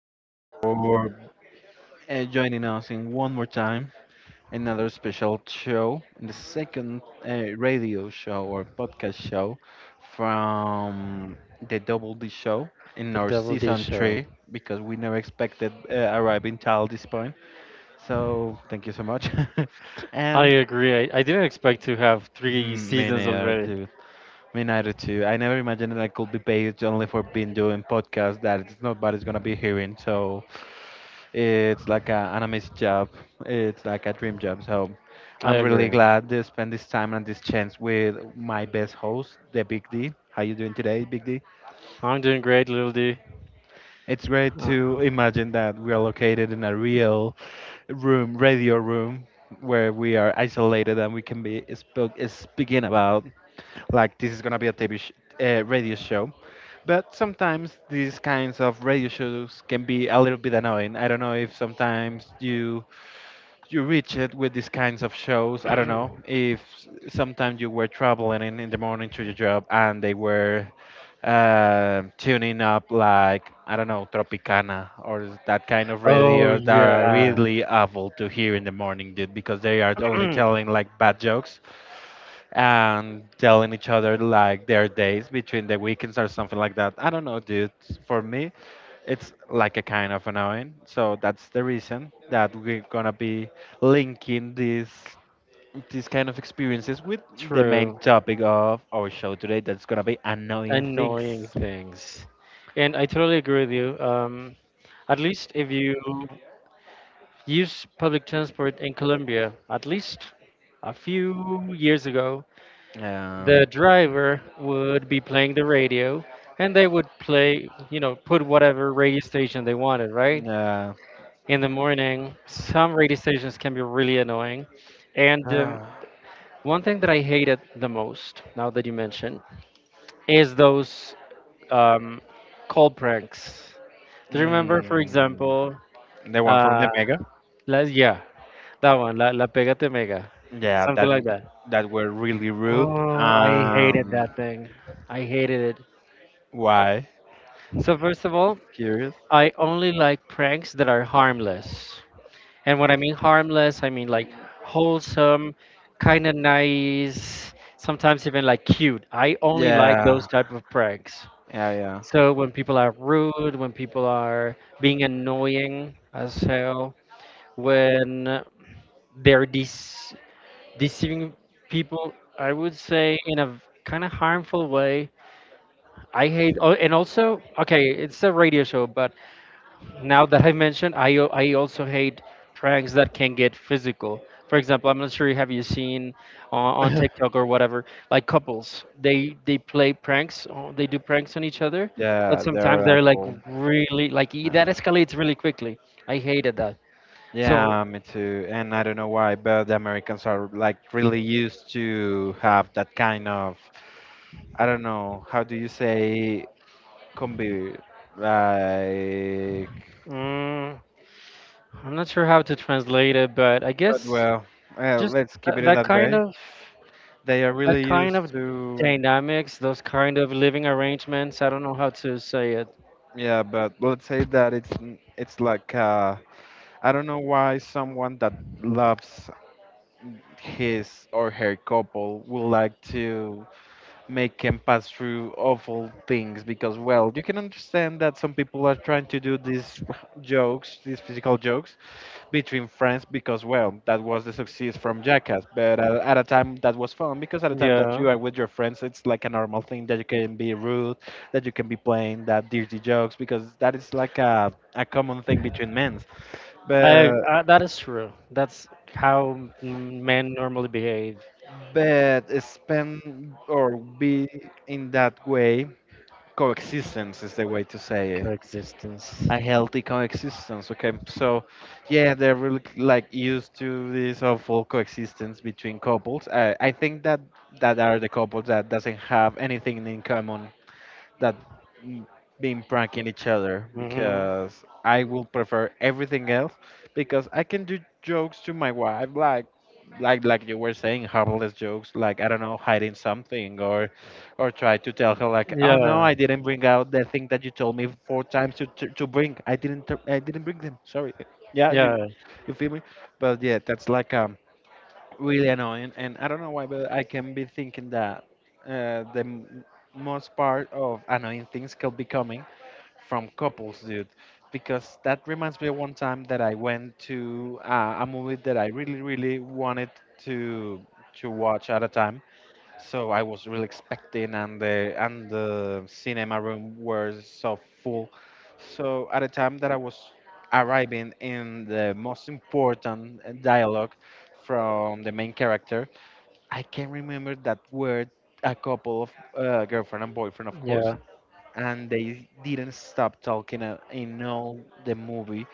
so much for joining us in one more time. Another special show, the second radio show or podcast show from the Double D show in The our Devil Did season Show. three because we never expected arriving till this point. So, thank you so much. I and agree. I didn't expect to have three seasons many are already. Me neither too. I never imagined that I could be paid only for being doing podcasts that it's nobody's gonna be hearing. So it's like a an amazing job. It's like a dream job. So I I'm really agree. glad to spend this time and this chance with my best host, the Big D. How you doing today, Big D? I'm doing great, Little D. It's great Uh, to imagine that we are located in a real room, radio room, where we are isolated and we can be speaking about like this is gonna be a TV sh- radio show. But sometimes these kinds of radio shows can be a little bit annoying. I don't know if sometimes you reach it with these kinds of shows. I don't know if sometimes you were traveling in the morning to your job and they were tuning up like I don't know Tropicana or that kind of oh radio that are yeah. really awful to hear in the morning, dude, because they are only telling like bad jokes and telling each other like their days between the weekends or something like that. I don't know, dude. For me, it's like a kind of annoying. So that's the reason that we're gonna be linking these kind of experiences with the main True. topic of our show today. That's gonna be annoying things. Annoying things. And I totally agree with you. At least if you use public transport in Colombia. At least a few years ago, Yeah. the driver would be playing the radio, and they would play, put whatever radio station they wanted, right? Yeah. In the morning, some radio stations can be really annoying. And one thing that I hated the most, now that you mention, is those um, call pranks. Do you remember, for Mm, example, the one from uh, the Mega. Yeah, that one, La Pégate Mega, Yeah, something that like that. that were really rude. Oh, I hated Um, that thing. I hated it. why? So, first of all, It's curious. I only like pranks that are harmless. And when I mean harmless, I mean like wholesome, kind of nice, sometimes even like cute. I only like those Yeah, type of pranks. yeah, So, when people are rude, when people are being annoying as hell, when they're dece- deceiving people, I would say in a kind of harmful way I hate, oh, and also, okay, it's a radio show, but now that I mentioned, I also hate pranks that can get physical. For example, I'm not sure have you seen on yeah. TikTok or whatever, like couples, they play pranks, they do pranks on each other, but Yeah, sometimes they're they're like awful. really that Uh, escalates really quickly. I hated that. So Yeah, me too. And I don't know why, but the Americans are like really used to have that kind of, I don't know, how do you say, combi, like, mm, I'm not sure how to translate it, but I but guess well, just let's keep it that, in that that kind way. of. They are That really kind used of to. dynamics, those kind of living arrangements, I don't know how to say it. Yeah, but let's say that it's it's like I don't know why someone that loves his or her couple will like to make him pass through awful things, because well you can understand that some people are trying to do these jokes, these physical jokes between friends, because well that was the success from Jackass. But at a time that was fun, because at a time that Yeah. you are with your friends it's like a normal thing that you can be rude, that you can be playing that dirty jokes, because that is like a common thing between men. but I that is true. That's how men normally behave. but spend or be in that way, coexistence is the way to say it. Coexistence. A healthy coexistence. Okay, so yeah, they're really like used to this awful coexistence between couples. I think that that are the couples that doesn't have anything in common, that mm, being pranking each other, Mhm. because I will prefer everything else, because I can do jokes to my wife like like you were saying, harmless jokes, like I don't know, hiding something, or try to tell her like, oh no, Yeah. I didn't bring out the thing that you told me four times to bring. I didn't I didn't bring them, sorry. Yeah, you Yeah. you feel me. But yeah, that's like really annoying, and I don't know why, but I can be thinking that uh, the m- most part of annoying things could be coming from couples, dude, because that reminds me of one time that I went to a movie that I really really wanted to to watch at a time. So I was really expecting, and the cinema room was so full. So at the time that I was arriving in the most important dialogue from the main character, I can remember that were a couple of girlfriend and boyfriend, of Yeah. course, and they didn't stop talking in all the movie,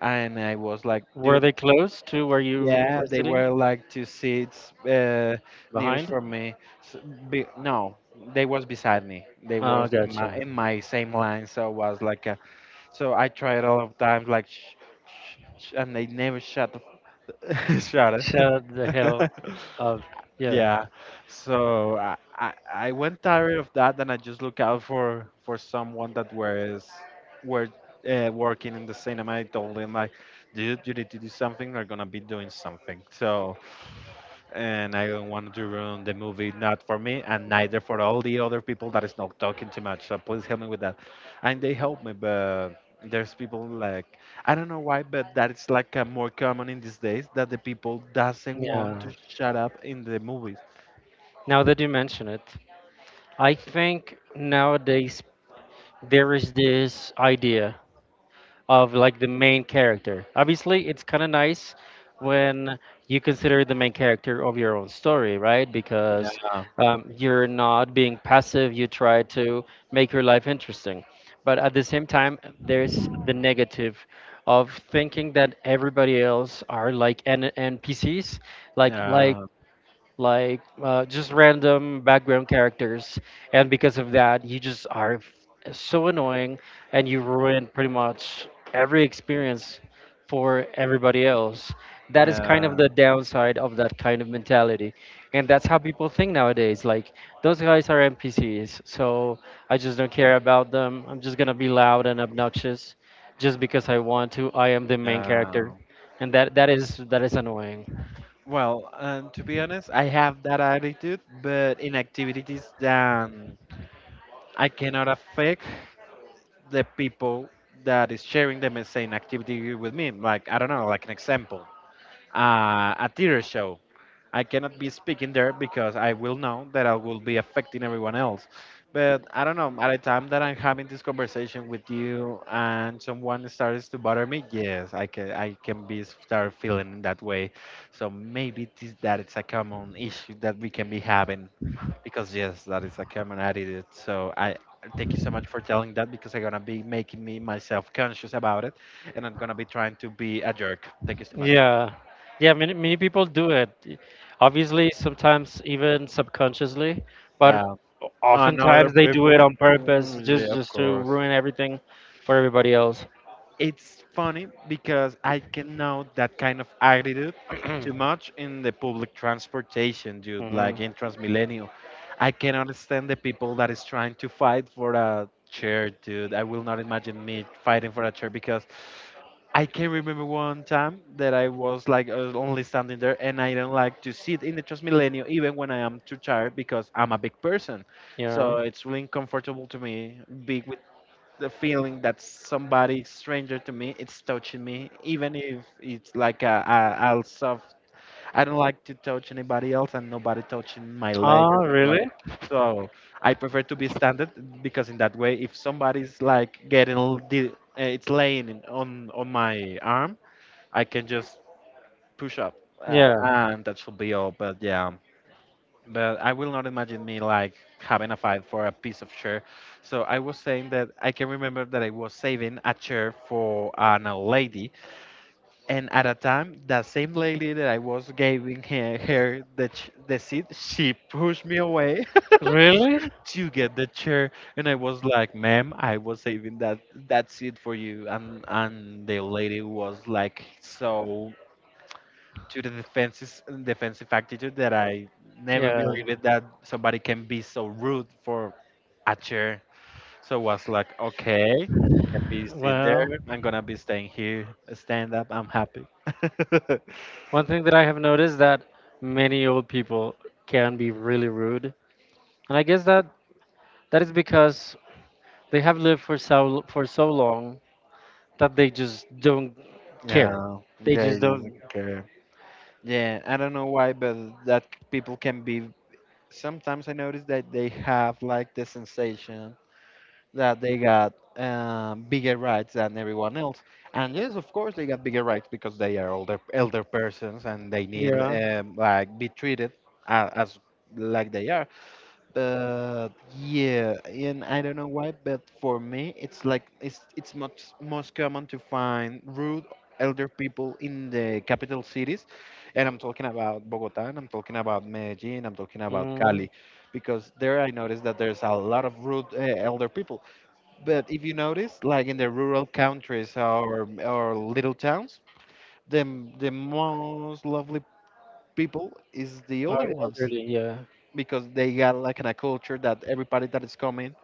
and I was like, Were dude, they close to where you yeah, were they sitting were like two seats nearest behind? from me. S no, they was beside me. They Oh, was in my gotcha. in my same line, so it was like a, so I tried a lot of times like shh, shh, shh, and they never shut the f shut Shut the hell it. up. Yeah. Yeah. So I I went tired of that, and I just look out for someone that was were working in the cinema. I told him like, dude, you need to do something. We are gonna be doing something. So and I don't want to ruin the movie, not for me, and neither for all the other people that is not talking too much. So please help me with that. And they help me, but there's people like, I don't know why, but that is like more common in these days that the people doesn't want Yeah. to shut up in the movies. Now that you mention it, I think nowadays there is this idea of like the main character. Obviously, it's kind of nice when you consider the main character of your own story, right? Because Yeah, you're not being passive, you try to make your life interesting. But at the same time, there's the negative of thinking that everybody else are like NPCs, like like yeah, like just random background characters, and because of that, you just are so annoying, and you ruin pretty much every experience for everybody else. That is kind yeah, of the downside of that kind of mentality, and that's how people think nowadays. Like those guys are NPCs, so I just don't care about them. I'm just gonna be loud and obnoxious, just because I want to. I am the main yeah. character, and that is annoying. Well, to be honest, I have that attitude, but in activities that I cannot affect the people that is sharing the same activity with me. Like I don't know, like an example, a theater show. I cannot be speaking there because I will know that I will be affecting everyone else. But I don't know, at the time that I'm having this conversation with you and someone starts to bother me, yes, I can be start feeling that way. So maybe this, that it's a common issue that we can be having, because yes, that is a common attitude. So I thank you so much for telling that, because I'm gonna be making me myself conscious about it, and I'm gonna be trying to be a jerk. Thank you so much. Yeah. Yeah, many people do it. Obviously, sometimes even subconsciously, but Yeah. Another oftentimes they do it people. on purpose Mm, yeah, just of just to course. ruin everything for everybody else. It's funny because I can know that kind of attitude hmm. too much in the public transportation, dude, like in Transmilenio. I can understand the people that is trying to fight for a chair, dude. I will not imagine me fighting for a chair, because I can remember one time that I was like only standing there, and I don't like to sit in the Transmilenio even when I am too tired because I'm a big person. So Yeah. it's really uncomfortable to me being the feeling that somebody stranger to me it's touching me, even if it's like a I'll soft. I don't like to touch anybody else and nobody touching my leg or Oh, something like really? that. So I prefer to be standard, because in that way if somebody's like getting it's laying on my arm, I can just push up, Yeah. and that should be all, but yeah, but I will not imagine me like having a fight for a piece of chair. So I was saying that I can remember that I was saving a chair for an old lady, and at a time, that same lady that I was giving her, her the the seat, she pushed me away Really? to get the chair, and I was like, "Ma'am, I was saving that that seat for you," and the lady was like so to the defense's defensive attitude that I never Yeah. believed it that somebody can be so rude for a chair. So was like, okay, can be sit there. Well, I'm gonna be staying here. Stand up. I'm happy. one thing that I have noticed that many old people can be really rude. And I guess that that is because they have lived for so long that they just don't care. Yeah, They yeah, he just don't. doesn't care. Yeah, I don't know why, but that people can be. Sometimes I notice that they have like the sensation that they got bigger rights than everyone else. And yes, of course, they got bigger rights because they are older elder persons, and they need Yeah. Like be treated as like they are. But yeah, and I don't know why, but for me, it's like it's much most common to find rude elder people in the capital cities, and I'm talking about Bogota, and I'm talking about Medellin, I'm talking about Mm, Cali, because there I noticed that there's a lot of rude elder people. But if you notice, like in the rural countries or little towns, the most lovely people is the are older ones, elderly. Yeah. because they got like in a culture that everybody that is coming,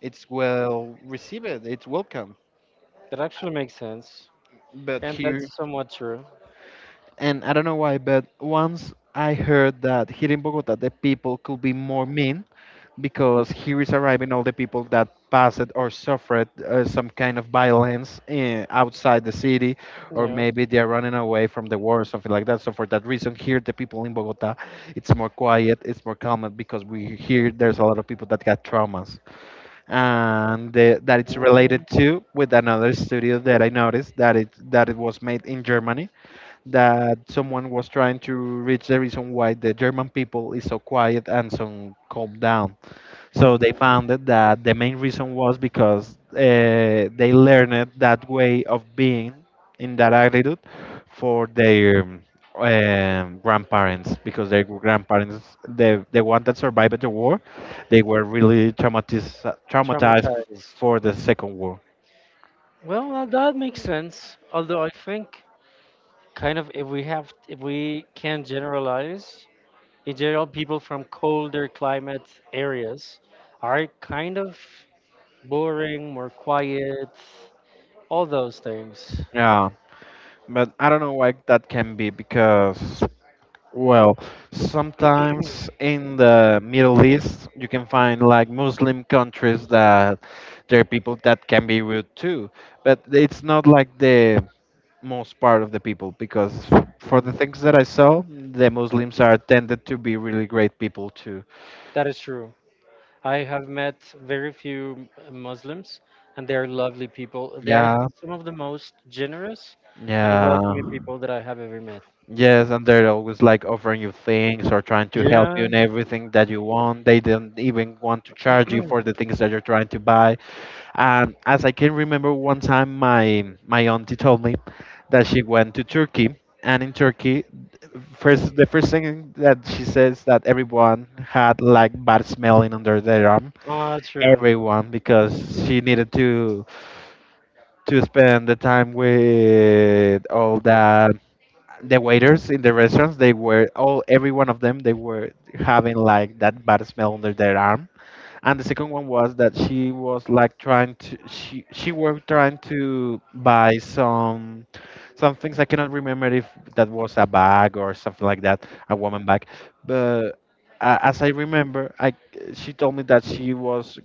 it's well received, it's welcome. That actually makes sense, But and here, that's somewhat true. and I don't know why, but once I heard that here in Bogota the people could be more mean, because here is arriving all the people that passed or suffered some kind of violence in, outside the city, You or know. maybe they are running away from the war or something like that. So for that reason, here the people in Bogota, it's more quiet, it's more calm because we here there's a lot of people that got traumas, and the, that it's related Mm, to with another studio that I noticed that it was made in Germany, that someone was trying to reach the reason why the German people is so quiet and so calm down, so they mhm. found it that the main reason was because they learned that way of being in that attitude for their grandparents, because their grandparents, the one that survived the war, they were really traumatized, traumatized Traumatized. for the second war. Well, that makes sense. Although I think kind of if we have if we can generalize, in general, people from colder climate areas are kind of boring, more quiet, all those things. Yeah, but I don't know why that can be because. Well, sometimes in the Middle East, you can find like Muslim countries that there are people that can be rude too, but it's not like the most part of the people because for the Mhm. things that I saw, the Muslims are tended to be really great people too. That is true. I have met very few Muslims, and they are lovely people. They are Yeah, some of the most generous and yeah, welcoming people that I have ever met. yes, and they're always like offering you things or trying to help Yeah. you in everything that you want. They don't even want to charge you for the things that you're trying to buy. And as I can remember, one time my auntie told me that she went to Turkey, and in Turkey, first the first thing that she says that everyone had like bad smelling under their arm, Ah, true. everyone, because she needed to spend the time with all that the waiters in the restaurants. They were all every one of them. They were having like that bad smell under their arm, and the second one was that she was like trying to she was trying to buy some things. I cannot remember if that was a bag or something like that, a woman bag, but as I remember, I she told me that she was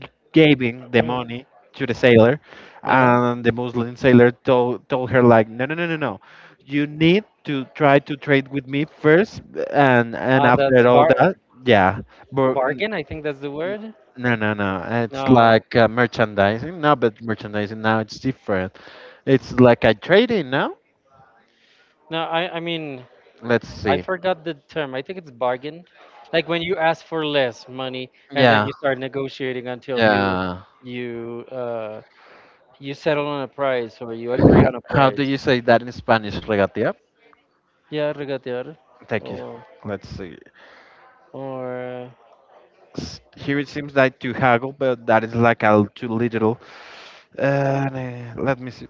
g- giving the money to the sailor, Yeah. and the Muslim sailor told her like, no, no, no, no, no, you need to try to trade with me first. And Ah, that's after all bar that, yeah, but bargain. I think that's the N- word. no, no, no. It's No, like merchandising. No, but merchandising now it's different. It's like a trading now. no. I mean Let's I see. forgot the term. I think it's bargain. Like when you ask for less money and then Yeah, you start negotiating until yeah. you uh You settle on a price or you agree on a How do price. you say that in Spanish, regatia? Yeah, regatear Thank you. or Let's see. or Here it seems like to haggle, but that is like a too little. Let me see.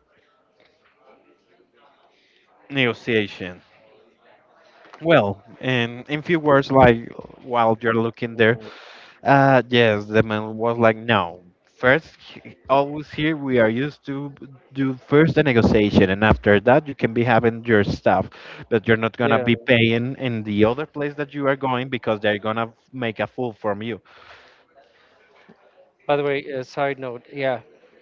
Negotiation. Well, in few words, like while you're looking there, mhm. uh, yes, the man was like, no. First, always here we are used to do first the negotiation, and after that you can be having your stuff, but you're not gonna Yeah. be paying in the other place that you are going because they're gonna make a fool from you. By the way, a side note, yeah,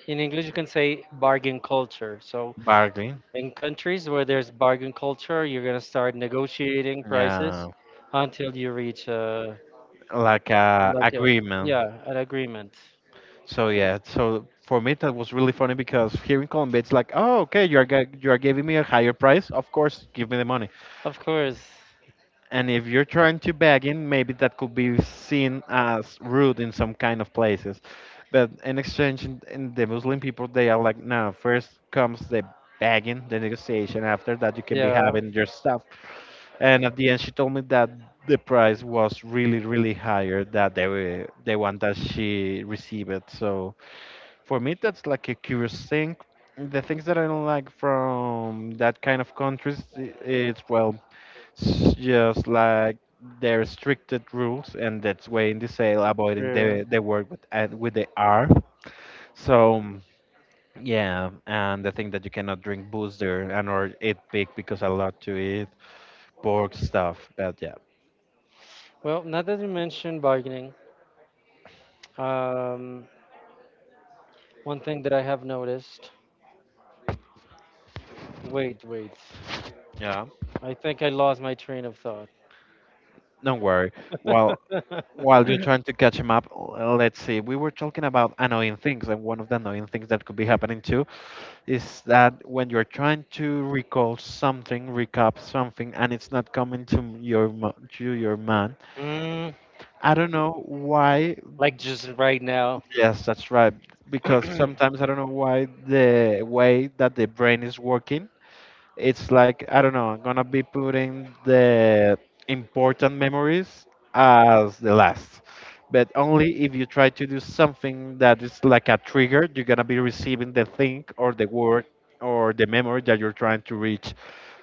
in English you can say bargain culture. So Bargain, in countries where there's bargain culture, you're gonna start negotiating yeah, prices until you reach a like a like a agreement. yeah an agreement. So yeah, so for me that was really funny because here in Colombia it's like, oh okay, you are you are giving me a higher price, of course, give me the money. Of course. And if you're trying to beg in, maybe that could be seen as rude in some kind of places. But in exchange, in the Muslim people, they are like, no, first comes the begging, the negotiation. After that, you can be Yeah, having your stuff. And at the end, she told me that the price was really, really higher than the one that she received. So for me, that's like a curious thing. The things that I don't like from that kind of countries, it's well, just like their restricted rules, and that's way in the sale avoiding true. the word with and with the R. So yeah, and the thing that you cannot drink booze there and or eat pig because I love to eat. Borg stuff, but yeah, Well, now that you mentioned bargaining, um, one thing that I have noticed. Wait, wait. yeah, I think I lost my train of thought. don't worry. While while you're trying to catch him up, let's see. We were talking about annoying things, and one of the annoying things that could be happening too is that when you're trying to recall something, recap something, and it's not coming to your to your mind. Mm, I don't know why. like just right now. Yes, that's right. Because sometimes I don't know why the way that the brain is working, it's like I don't know. I'm gonna be putting the important memories as the last, but only if you try to do something that is like a trigger. You're gonna be receiving the thing or the word or the memory that you're trying to reach.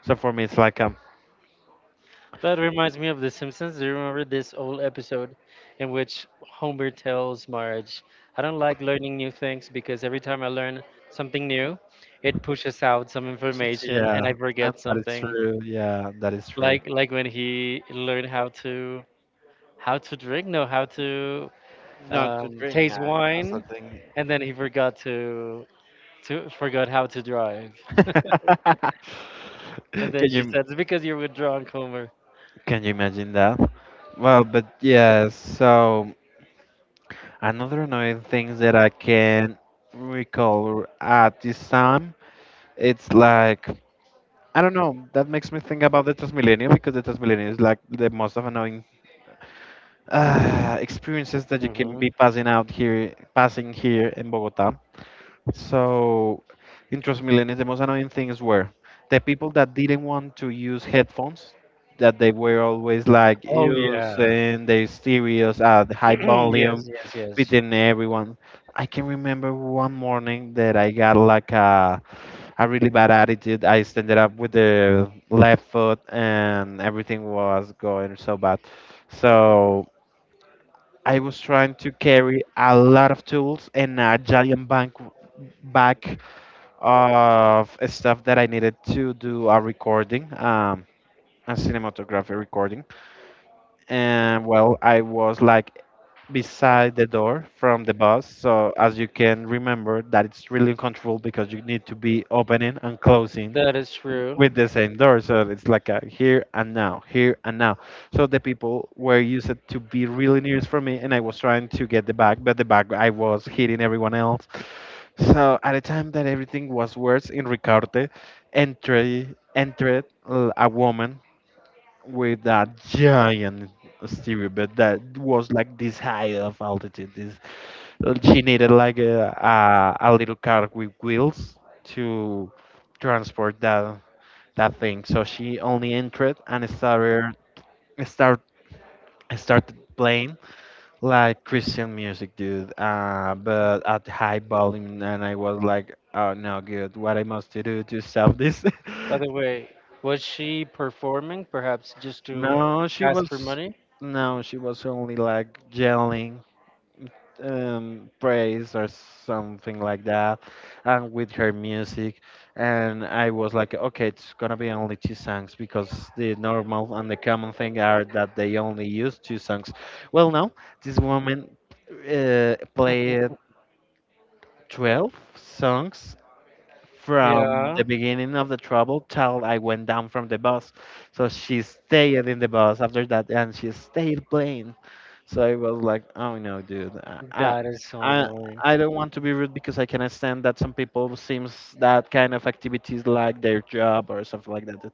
So for me, it's like That reminds me of The Simpsons. Do you remember this old episode in which Homer tells Marge, I don't like learning new things because every time I learn something new, it pushes out some information and I yeah, and forget that is something. true. Yeah, that is true. Like when he learned how to drink, no, how to Not to drink taste as a wine, thing. and then he forgot to forgot how to drive. And then Can she you said, "It's because you're withdrawn, Homer." can you imagine that? Well, but yeah, so. Another annoying thing that I can recall at this time, it's like I don't know. That makes me think about the Transmilenio because the Transmilenio is like the most of annoying experiences that you can hmm. be passing out here, passing here in Bogota. So, in Trust Millennials, the most annoying things were the people that didn't want to use headphones, that they were always like Oh yeah. using their stereos at high volume yes, yes, yes. within everyone. I can remember one morning that I got like a really bad attitude. I ended up with the left foot, and everything was going so bad. So I was trying to carry a lot of tools and a giant bank back of stuff that I needed to do a recording, a cinematography recording. And well, I was like beside the door from the bus. So as you can remember, that it's really uncomfortable because you need to be opening and closing That is true. with the same door. So it's like a here and now, here and now. So the people were used to be really near for me, and I was trying to get the bag, but the bag I was hitting everyone else. So at the time that everything was worse in Ricarte, entry, entered a woman with a giant stereo bed that was like this high of altitude. This she needed like a little car with wheels to transport that that thing. So she only entered and start started playing like Christian music, dude. But at high volume, and I was like, oh no, good. What I must do to stop this? By the way, was she performing, perhaps just to No, she ask for was money? no, she was only like yelling praise or something like that, and with her music. And I was like, okay, it's gonna be only two songs because the normal and the common thing are that they only use two songs. Well, no, this woman played 12 songs from the Yeah, beginning of the trouble till I went down from the bus. So she stayed in the bus after that, and she stayed playing. So I was like, oh no, dude, that is so I annoying. I don't want to be rude because I can understand that some people seems that kind of activities like their job or something like that.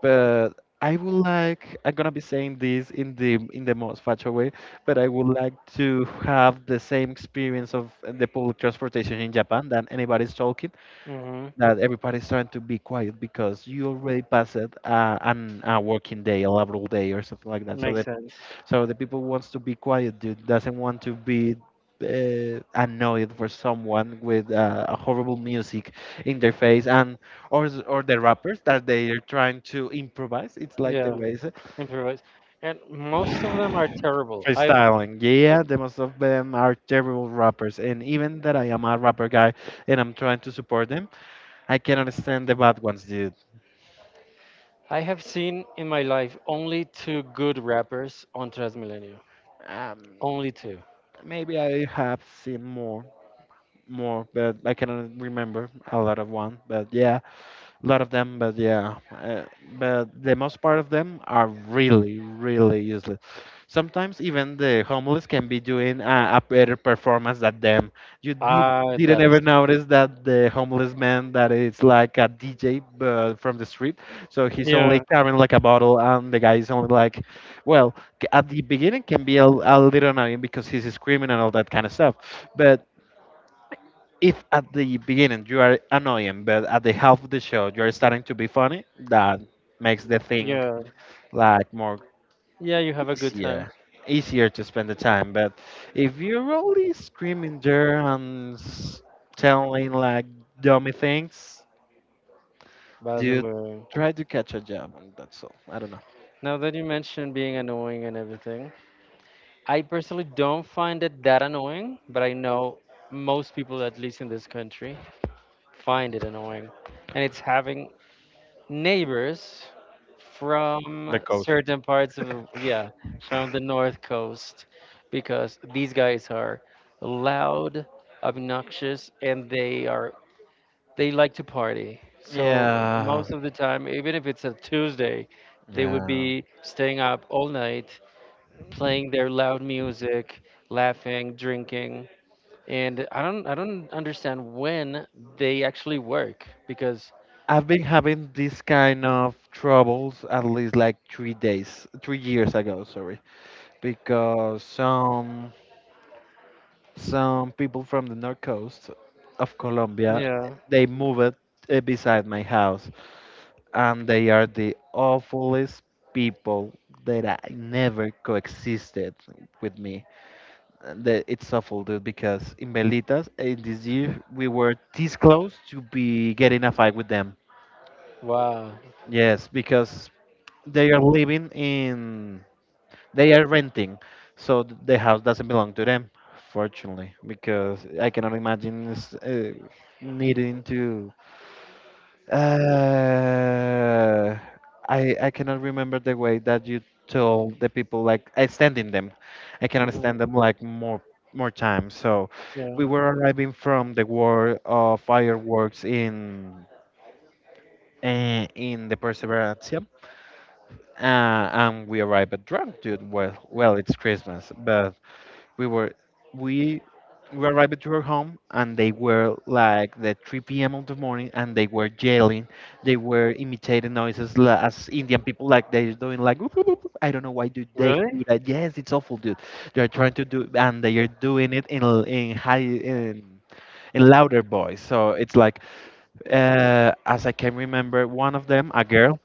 But I would like, I'm gonna be saying this in the most fatal way, but I would like to have the same experience of the public transportation in Japan that anybody's talking, hmm. that everybody's trying to be quiet because you already passed an a working day, a laboral day, or something like that. So Makes that sense. so the people wants to be quiet, dude, doesn't want to be annoyed for someone with a horrible music in their face, and or or the rappers that they are trying to improvise. It's like the Yeah, way. Improvise. And most of them are terrible. I Freestyling. Yeah, the most of them are terrible rappers, and even that I am a rapper guy and I'm trying to support them, I cannot stand the bad ones, dude. I have seen in my life only two good rappers on Transmilenio. Um, Only two. maybe I have seen more, more, but I cannot remember a lot of one. But yeah, a lot of them, but yeah, but the most part of them are really, really useless. Sometimes even the homeless can be doing a better performance than them. You did, Ah, didn't that is. ever notice that the homeless man that is like a DJ but from the street, so he's only Yeah, carrying like a bottle, and the guy is only like, well, at the beginning can be a little annoying because he's screaming and all that kind of stuff, but if at the beginning you are annoying, but at the half of the show you are starting to be funny, that makes the thing yeah. like more Yeah, you have a good time. easier, easier to spend the time. But if you're only screaming there and telling like dummy things, By the dude, way, try to catch a job, and that's all. I don't know. now that you mentioned being annoying and everything, I personally don't find it that annoying, but I know most people, at least in this country, find it annoying. And it's having neighbors The from coast. certain parts of, yeah, from the North Coast, because these guys are loud, obnoxious, and they are they like to party. So Yeah, most of the time, even if it's a Tuesday, they would yeah. be staying up all night, playing their loud music, laughing, drinking. And I don't understand when they actually work because I've been having this kind of troubles at least like 3 days, 3 years ago. Sorry. Because some people from the north coast of Colombia, yeah. they moved beside my house, and they are the awfulest people that I never coexisted with me. And it's awful, dude, because in Belitas in this year we were this close to be getting a fight with them. Wow. Yes, because they are living in They are renting, so the house doesn't belong to them, fortunately, because I cannot imagine needing to. Uh, I cannot remember the way that you told the people like I stand them. I cannot Mhm. stand them like more time. So Yeah. we were arriving from the war of fireworks in the Perseverance. And we arrived drunk, dude. Well, it's Christmas, but we were we we arrived to her home, and they were like the 3 p.m. of the morning, and they were yelling. They were imitating noises as indian people, like they're doing like, "Whoop, whoop, whoop, whoop." I don't know why do they Really? do that. Yes, it's awful, dude. They're trying to do, and they are doing it in in high in louder voice, so it's like as I can remember, one of them, a girl,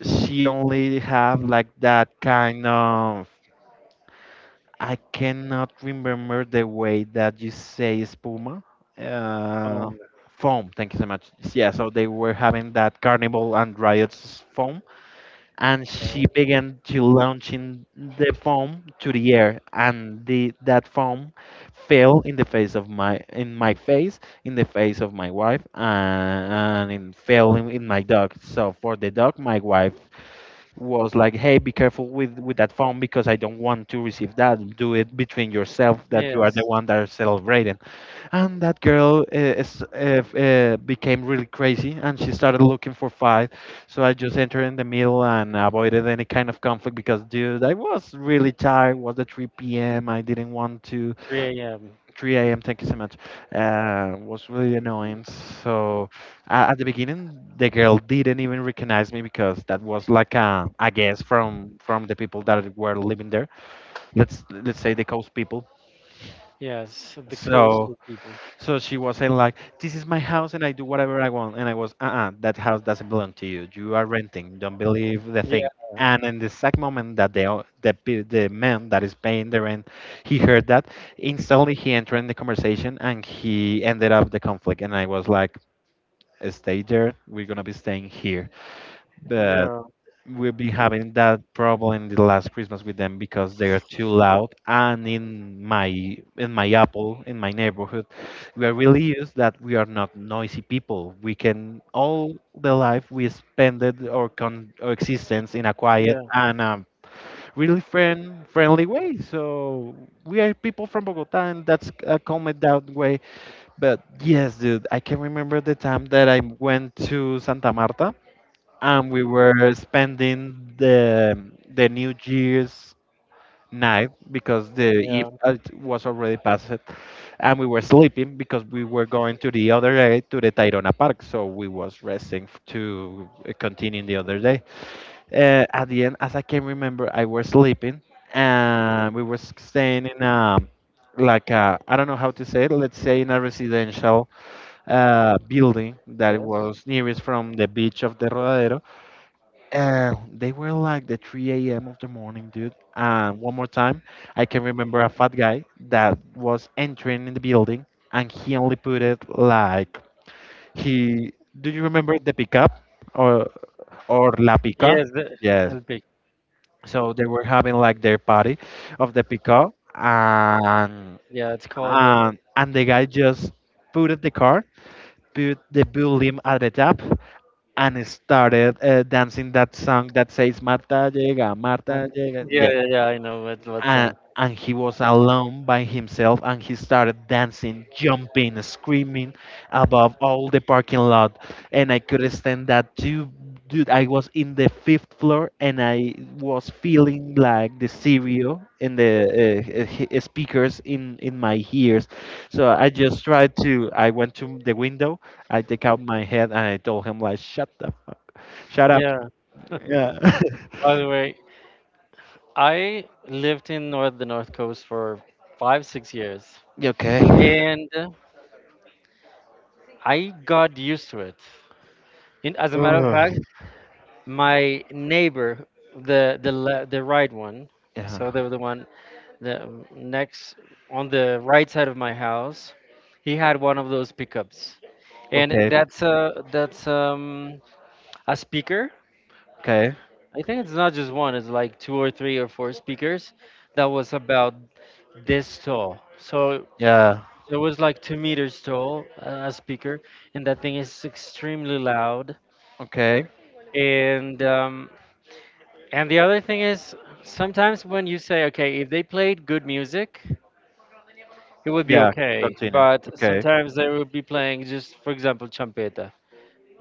she only have like that kind of, I cannot remember the way that you say espuma. Uh, Oh Foam, thank you so much. Yeah, so they were having that carnival and riots foam, and yeah. she began to launching the foam to the air, and the that foam fell in the face of my in my face, in the face of my wife, and it fell in my dog. So for the dog, my wife was like, "Hey, be careful with that phone, because I don't want to receive that. Do it between yourself, that you are the Yes. one that are celebrating." And that girl is, became really crazy, and she started looking for fight. So I just entered in the middle and avoided any kind of conflict because, dude, I was really tired. It was at 3 p.m. I didn't want to 3 a.m. 3 a.m. Thank you so much. Was really annoying. So at the beginning, the girl didn't even recognize me, because that was like a guess from the people that were living there. Let's say the coast people. Yes. The So coastal people. so she was saying like, "This is my house, and I do whatever I want." And I was, "Uh-uh, that house doesn't belong to you. You are renting. Don't believe the thing." Yeah. And in the exact moment that the man that is paying the rent he heard that, instantly he entered in the conversation, and he ended up the conflict. And I was like, "Stay there. We're gonna be staying here." Yeah. We've been having that problem in the last Christmas with them because they are too loud. And in my apple in my neighborhood, we are really used that we are not noisy people. We can all the life we spend it or con our existence in a quiet Yeah. and really friendly way. So we are people from Bogota, and that's a calm it down way. But yes, dude, I can remember the time that I went to Santa Marta and we were spending the New Year's night, because the eve Yeah. It was already past, and we were sleeping because we were going to the other day to the Tayrona Park, so we was resting to continue the other day. At the end, as I can remember, I was sleeping and we were staying in a, like, I don't know how to say it. Let's say in a residential building that Yes. was nearest from the beach of the Rodadero. They were like the 3 a.m. of the morning, dude. And one more time, I can remember a fat guy that was entering in the building, and he only put it like he. Do you remember the pickup or or la pica? Yes. The, Yes. El. So they were having like their party of the pickup, and Yeah, it's called. And the guy just put it the car, put the bull limb at the top, and started dancing that song that says Marta llega, Marta what- llega. Yes. Yeah. yeah, yeah, yeah. I know what And, song. and he was alone by himself, and he started dancing, jumping, screaming above all the parking lot. And I couldn't stand that too. Dude, I was in the fifth floor, and I was feeling like the stereo and the speakers in my ears. So I just tried to, I went to the window, I take out my head, and I told him like, shut up. Shut up. Yeah. Yeah. By the way, I lived in north the north coast for 5-6 years, Yeah, okay. and I got used to it. In, as a matter of Ugh. fact, my neighbor, the right one, Yeah. so the one the next on the right side of my house, he had one of those pickups, and Okay. That's a speaker. Okay. I think it's not just one, it's like two or three or four speakers that was about this tall. So, Yeah. so it was like 2 meters tall, a speaker, and that thing is extremely loud. Okay. And and the other thing is sometimes when you say, okay, if they played good music, it would be Yeah. okay. Continue. But Okay. sometimes they would be playing just, for example, champeta,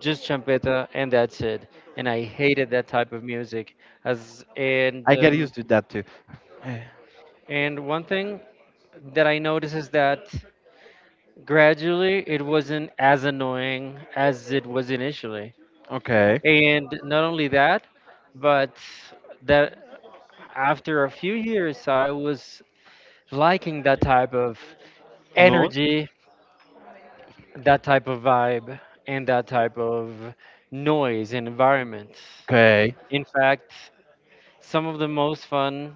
just champeta, and that's it. And I hated that type of music. As and I get um, used to that too. Eh, and one thing that I noticed is that gradually it wasn't as annoying as it was initially. okay. And not only that, but that after a few years, I was liking that type of Moon. energy, that type of vibe, and that type of noise and environment. Okay. In fact, some of the most fun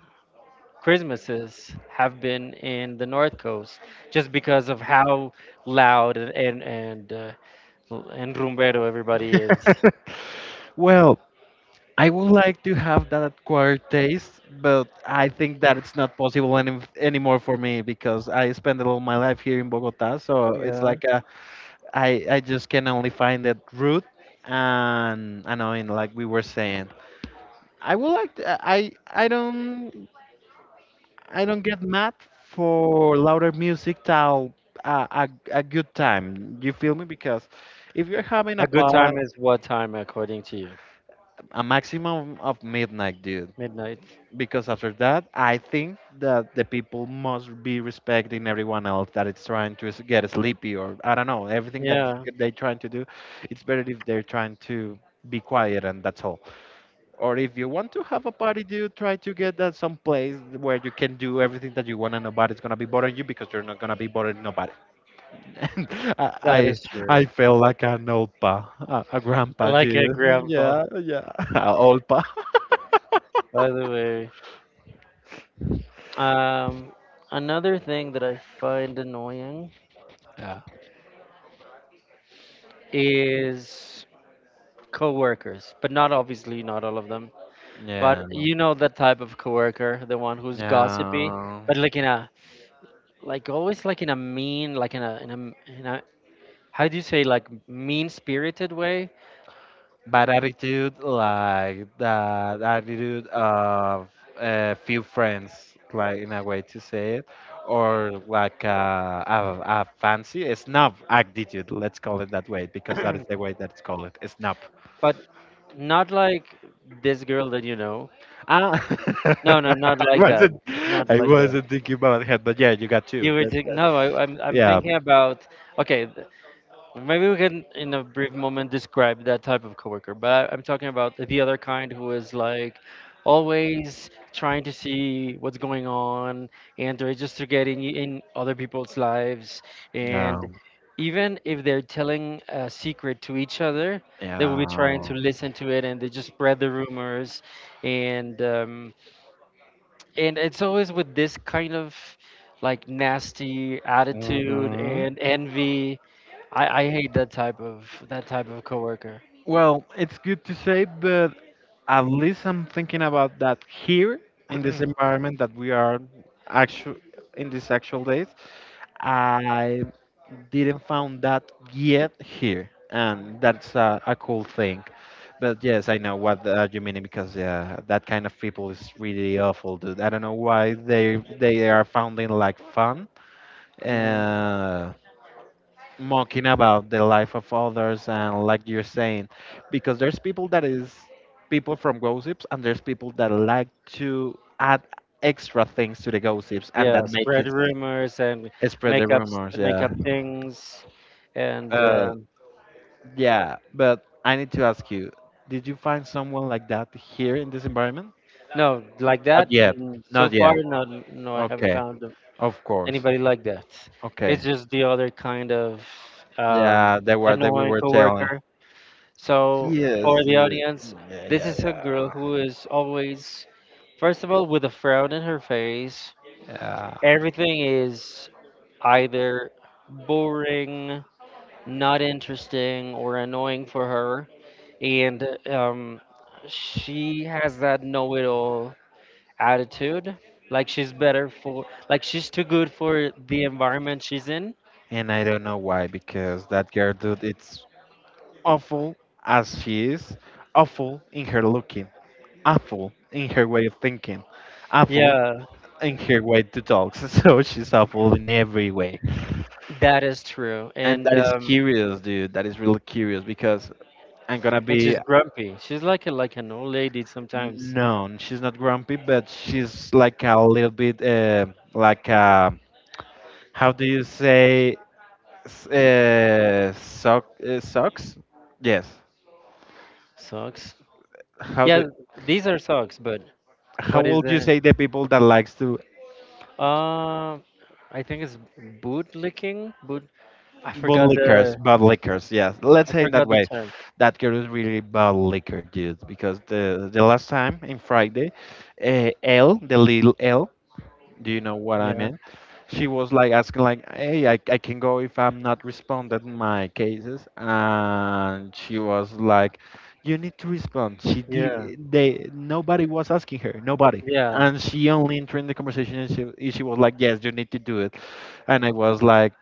Christmases have been in the North Coast just because of how loud and, and rumbero, everybody is. Well, I would like to have that acquired taste, but I think that it's not possible anymore for me because I spend all my life here in Bogota, so it's Yeah. like I just can only find that rude and annoying, like we were saying. I would like to, I don't, I don't get mad for louder music till a good time. You feel me? Because if you're having A a good par, time is what time according to you? a maximum of midnight, dude, Midnight. because after that I think that the people must be respecting everyone else that is trying to get sleepy, or I don't know, everything that Yeah, yeah, they're trying to do. It's better if they're trying to be quiet, and that's all. Or if you want to have a party, do try to get that some place where you can do everything that you want, and nobody's gonna be bothering you because you're not gonna be bothering nobody. And i that i, is true. I feel like an old pa a I grandpa, like it, dude. Grandpa. Yeah, yeah. A old pa. By the way, um, another thing that I find annoying Yeah. is coworkers, but not obviously not all of them. But Yeah. you know that type of coworker, the one who's gossipy, Yeah. but like in a like always like in a mean, like in a how do you say like mean spirited way? Bad attitude, like that attitude of a few friends, like in a way to say it, or like a fancy a snob attitude, let's call it that way, because that is the way that it's called, a snob. but not like this girl that you know. Ah, No, no, not I like that. Not I like that. wasn't thinking about that, but yeah, you got two. You were That, think- that, no. I'm yeah, thinking about okay. Maybe we can, in a brief moment, describe that type of coworker. But I'm talking about the other kind who is like always trying to see what's going on, and they're just to get in other people's lives. And no, even if they're telling a secret to each other, they will be trying yeah. to listen to it, and they just spread the rumors. And and it's always with this kind of like nasty attitude Mm-hmm. and envy. I hate that type of coworker. Well, it's good to say, but at least I'm thinking about that here in this environment that we are actual in these actual days. I didn't found that yet here, and that's a cool thing. But yes, I know what you mean, because yeah, that kind of people is really awful, dude. I don't know why they are founding like fun. hmm. Uh, Mocking about the life of others, and like you're saying, because there's people that is people from gossips, and there's people that like to add extra things to the gossips, and Yeah, that make spread it rumors and spread the make up rumors. make Yeah. up things, and uh yeah, but I need to ask you, did you find someone like that here in this environment? no, like Not that. yet. So Not far, yet. no, no, I haven't Okay. found Of course. anybody like that. Okay. It's just the other kind of um, Yeah, they were that we annoying were telling. coworker. So Yes, for the yeah. audience, Yeah, this is a girl yeah. who is always, first of all, with a frown in her face. Yeah. Everything is either boring, not interesting, or annoying for her. And she has that know it all attitude. Like she's better for, like she's too good for the environment she's in. And I don't know why, because that girl, dude, it's awful. As she is, awful in her looking, awful in her way of thinking, awful Yeah, in her way to talk. So she's awful in every way, that is true. and And that is um, curious, dude. That is really curious because I'm gonna and be she's grumpy. She's like a, like an old lady sometimes. known. She's not grumpy, but she's like a little bit like how do you say socks? Yes. Socks. How do Yeah, these are socks, but how what is would you the? say the people that likes to, Uh, I think it's boot licking. Boot. I forgot the bad liquors? Yes, let's say in that way. term. That girl is really bad liquor, dude. Because the last time in Friday, L, the little L, do you know what I Yeah, mean? She was like asking like, "Hey, I can go if I'm not responded in my cases," and she was like, "You need to respond." She yeah, did. They nobody was asking her. Nobody. yeah, And she only entered in the conversation, and she was like, yes, you need to do it. And I was like,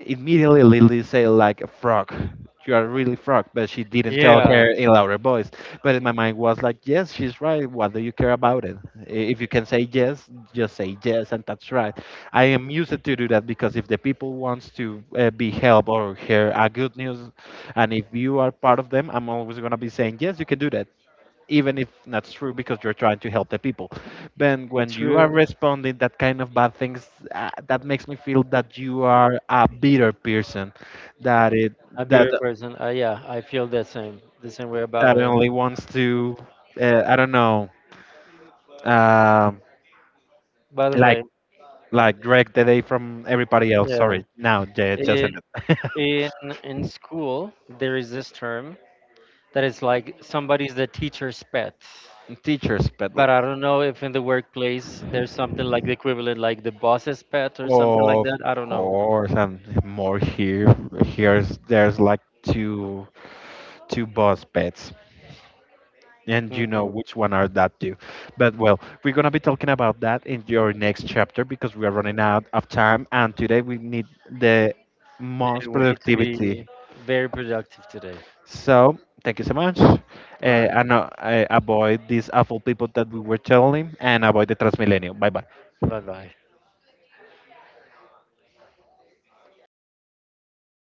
immediately Lily said like, "Frog, you are really frog," but she didn't tell her yeah. in louder voice. But in my mind was like, "Yes, she's right. What do you care about it? If you can say yes, just say yes, and that's right." I am used to do that, because if the people wants to be helped or hear a good news, and if you are part of them, I'm always gonna be saying yes, you can do that, even if that's true, because you're trying to help the people. But when you are True. responding that kind of bad things, that makes me feel that you are a bitter person, that it A that beer person. Yeah, I feel the same way about that her. only wants to, I don't know, um By the like way, like drag the day from everybody else. yeah. Sorry, now yeah, just i- ended. in in school, there is this term that is like somebody's the teacher's pet. Teachers, but But I don't know if in the workplace there's something like the equivalent, like the boss's pet or something like of that. I don't know. course, and more here. Here's there's like two boss pets. And you know hmm. which one are that two. But well, we're gonna be talking about that in your next chapter, because we are running out of time, and today we need the Yeah, most we need to be productivity. very productive today. So thank you so much. All right. And I avoid these awful people that we were telling, and avoid the Transmilenio. Bye bye. Bye bye.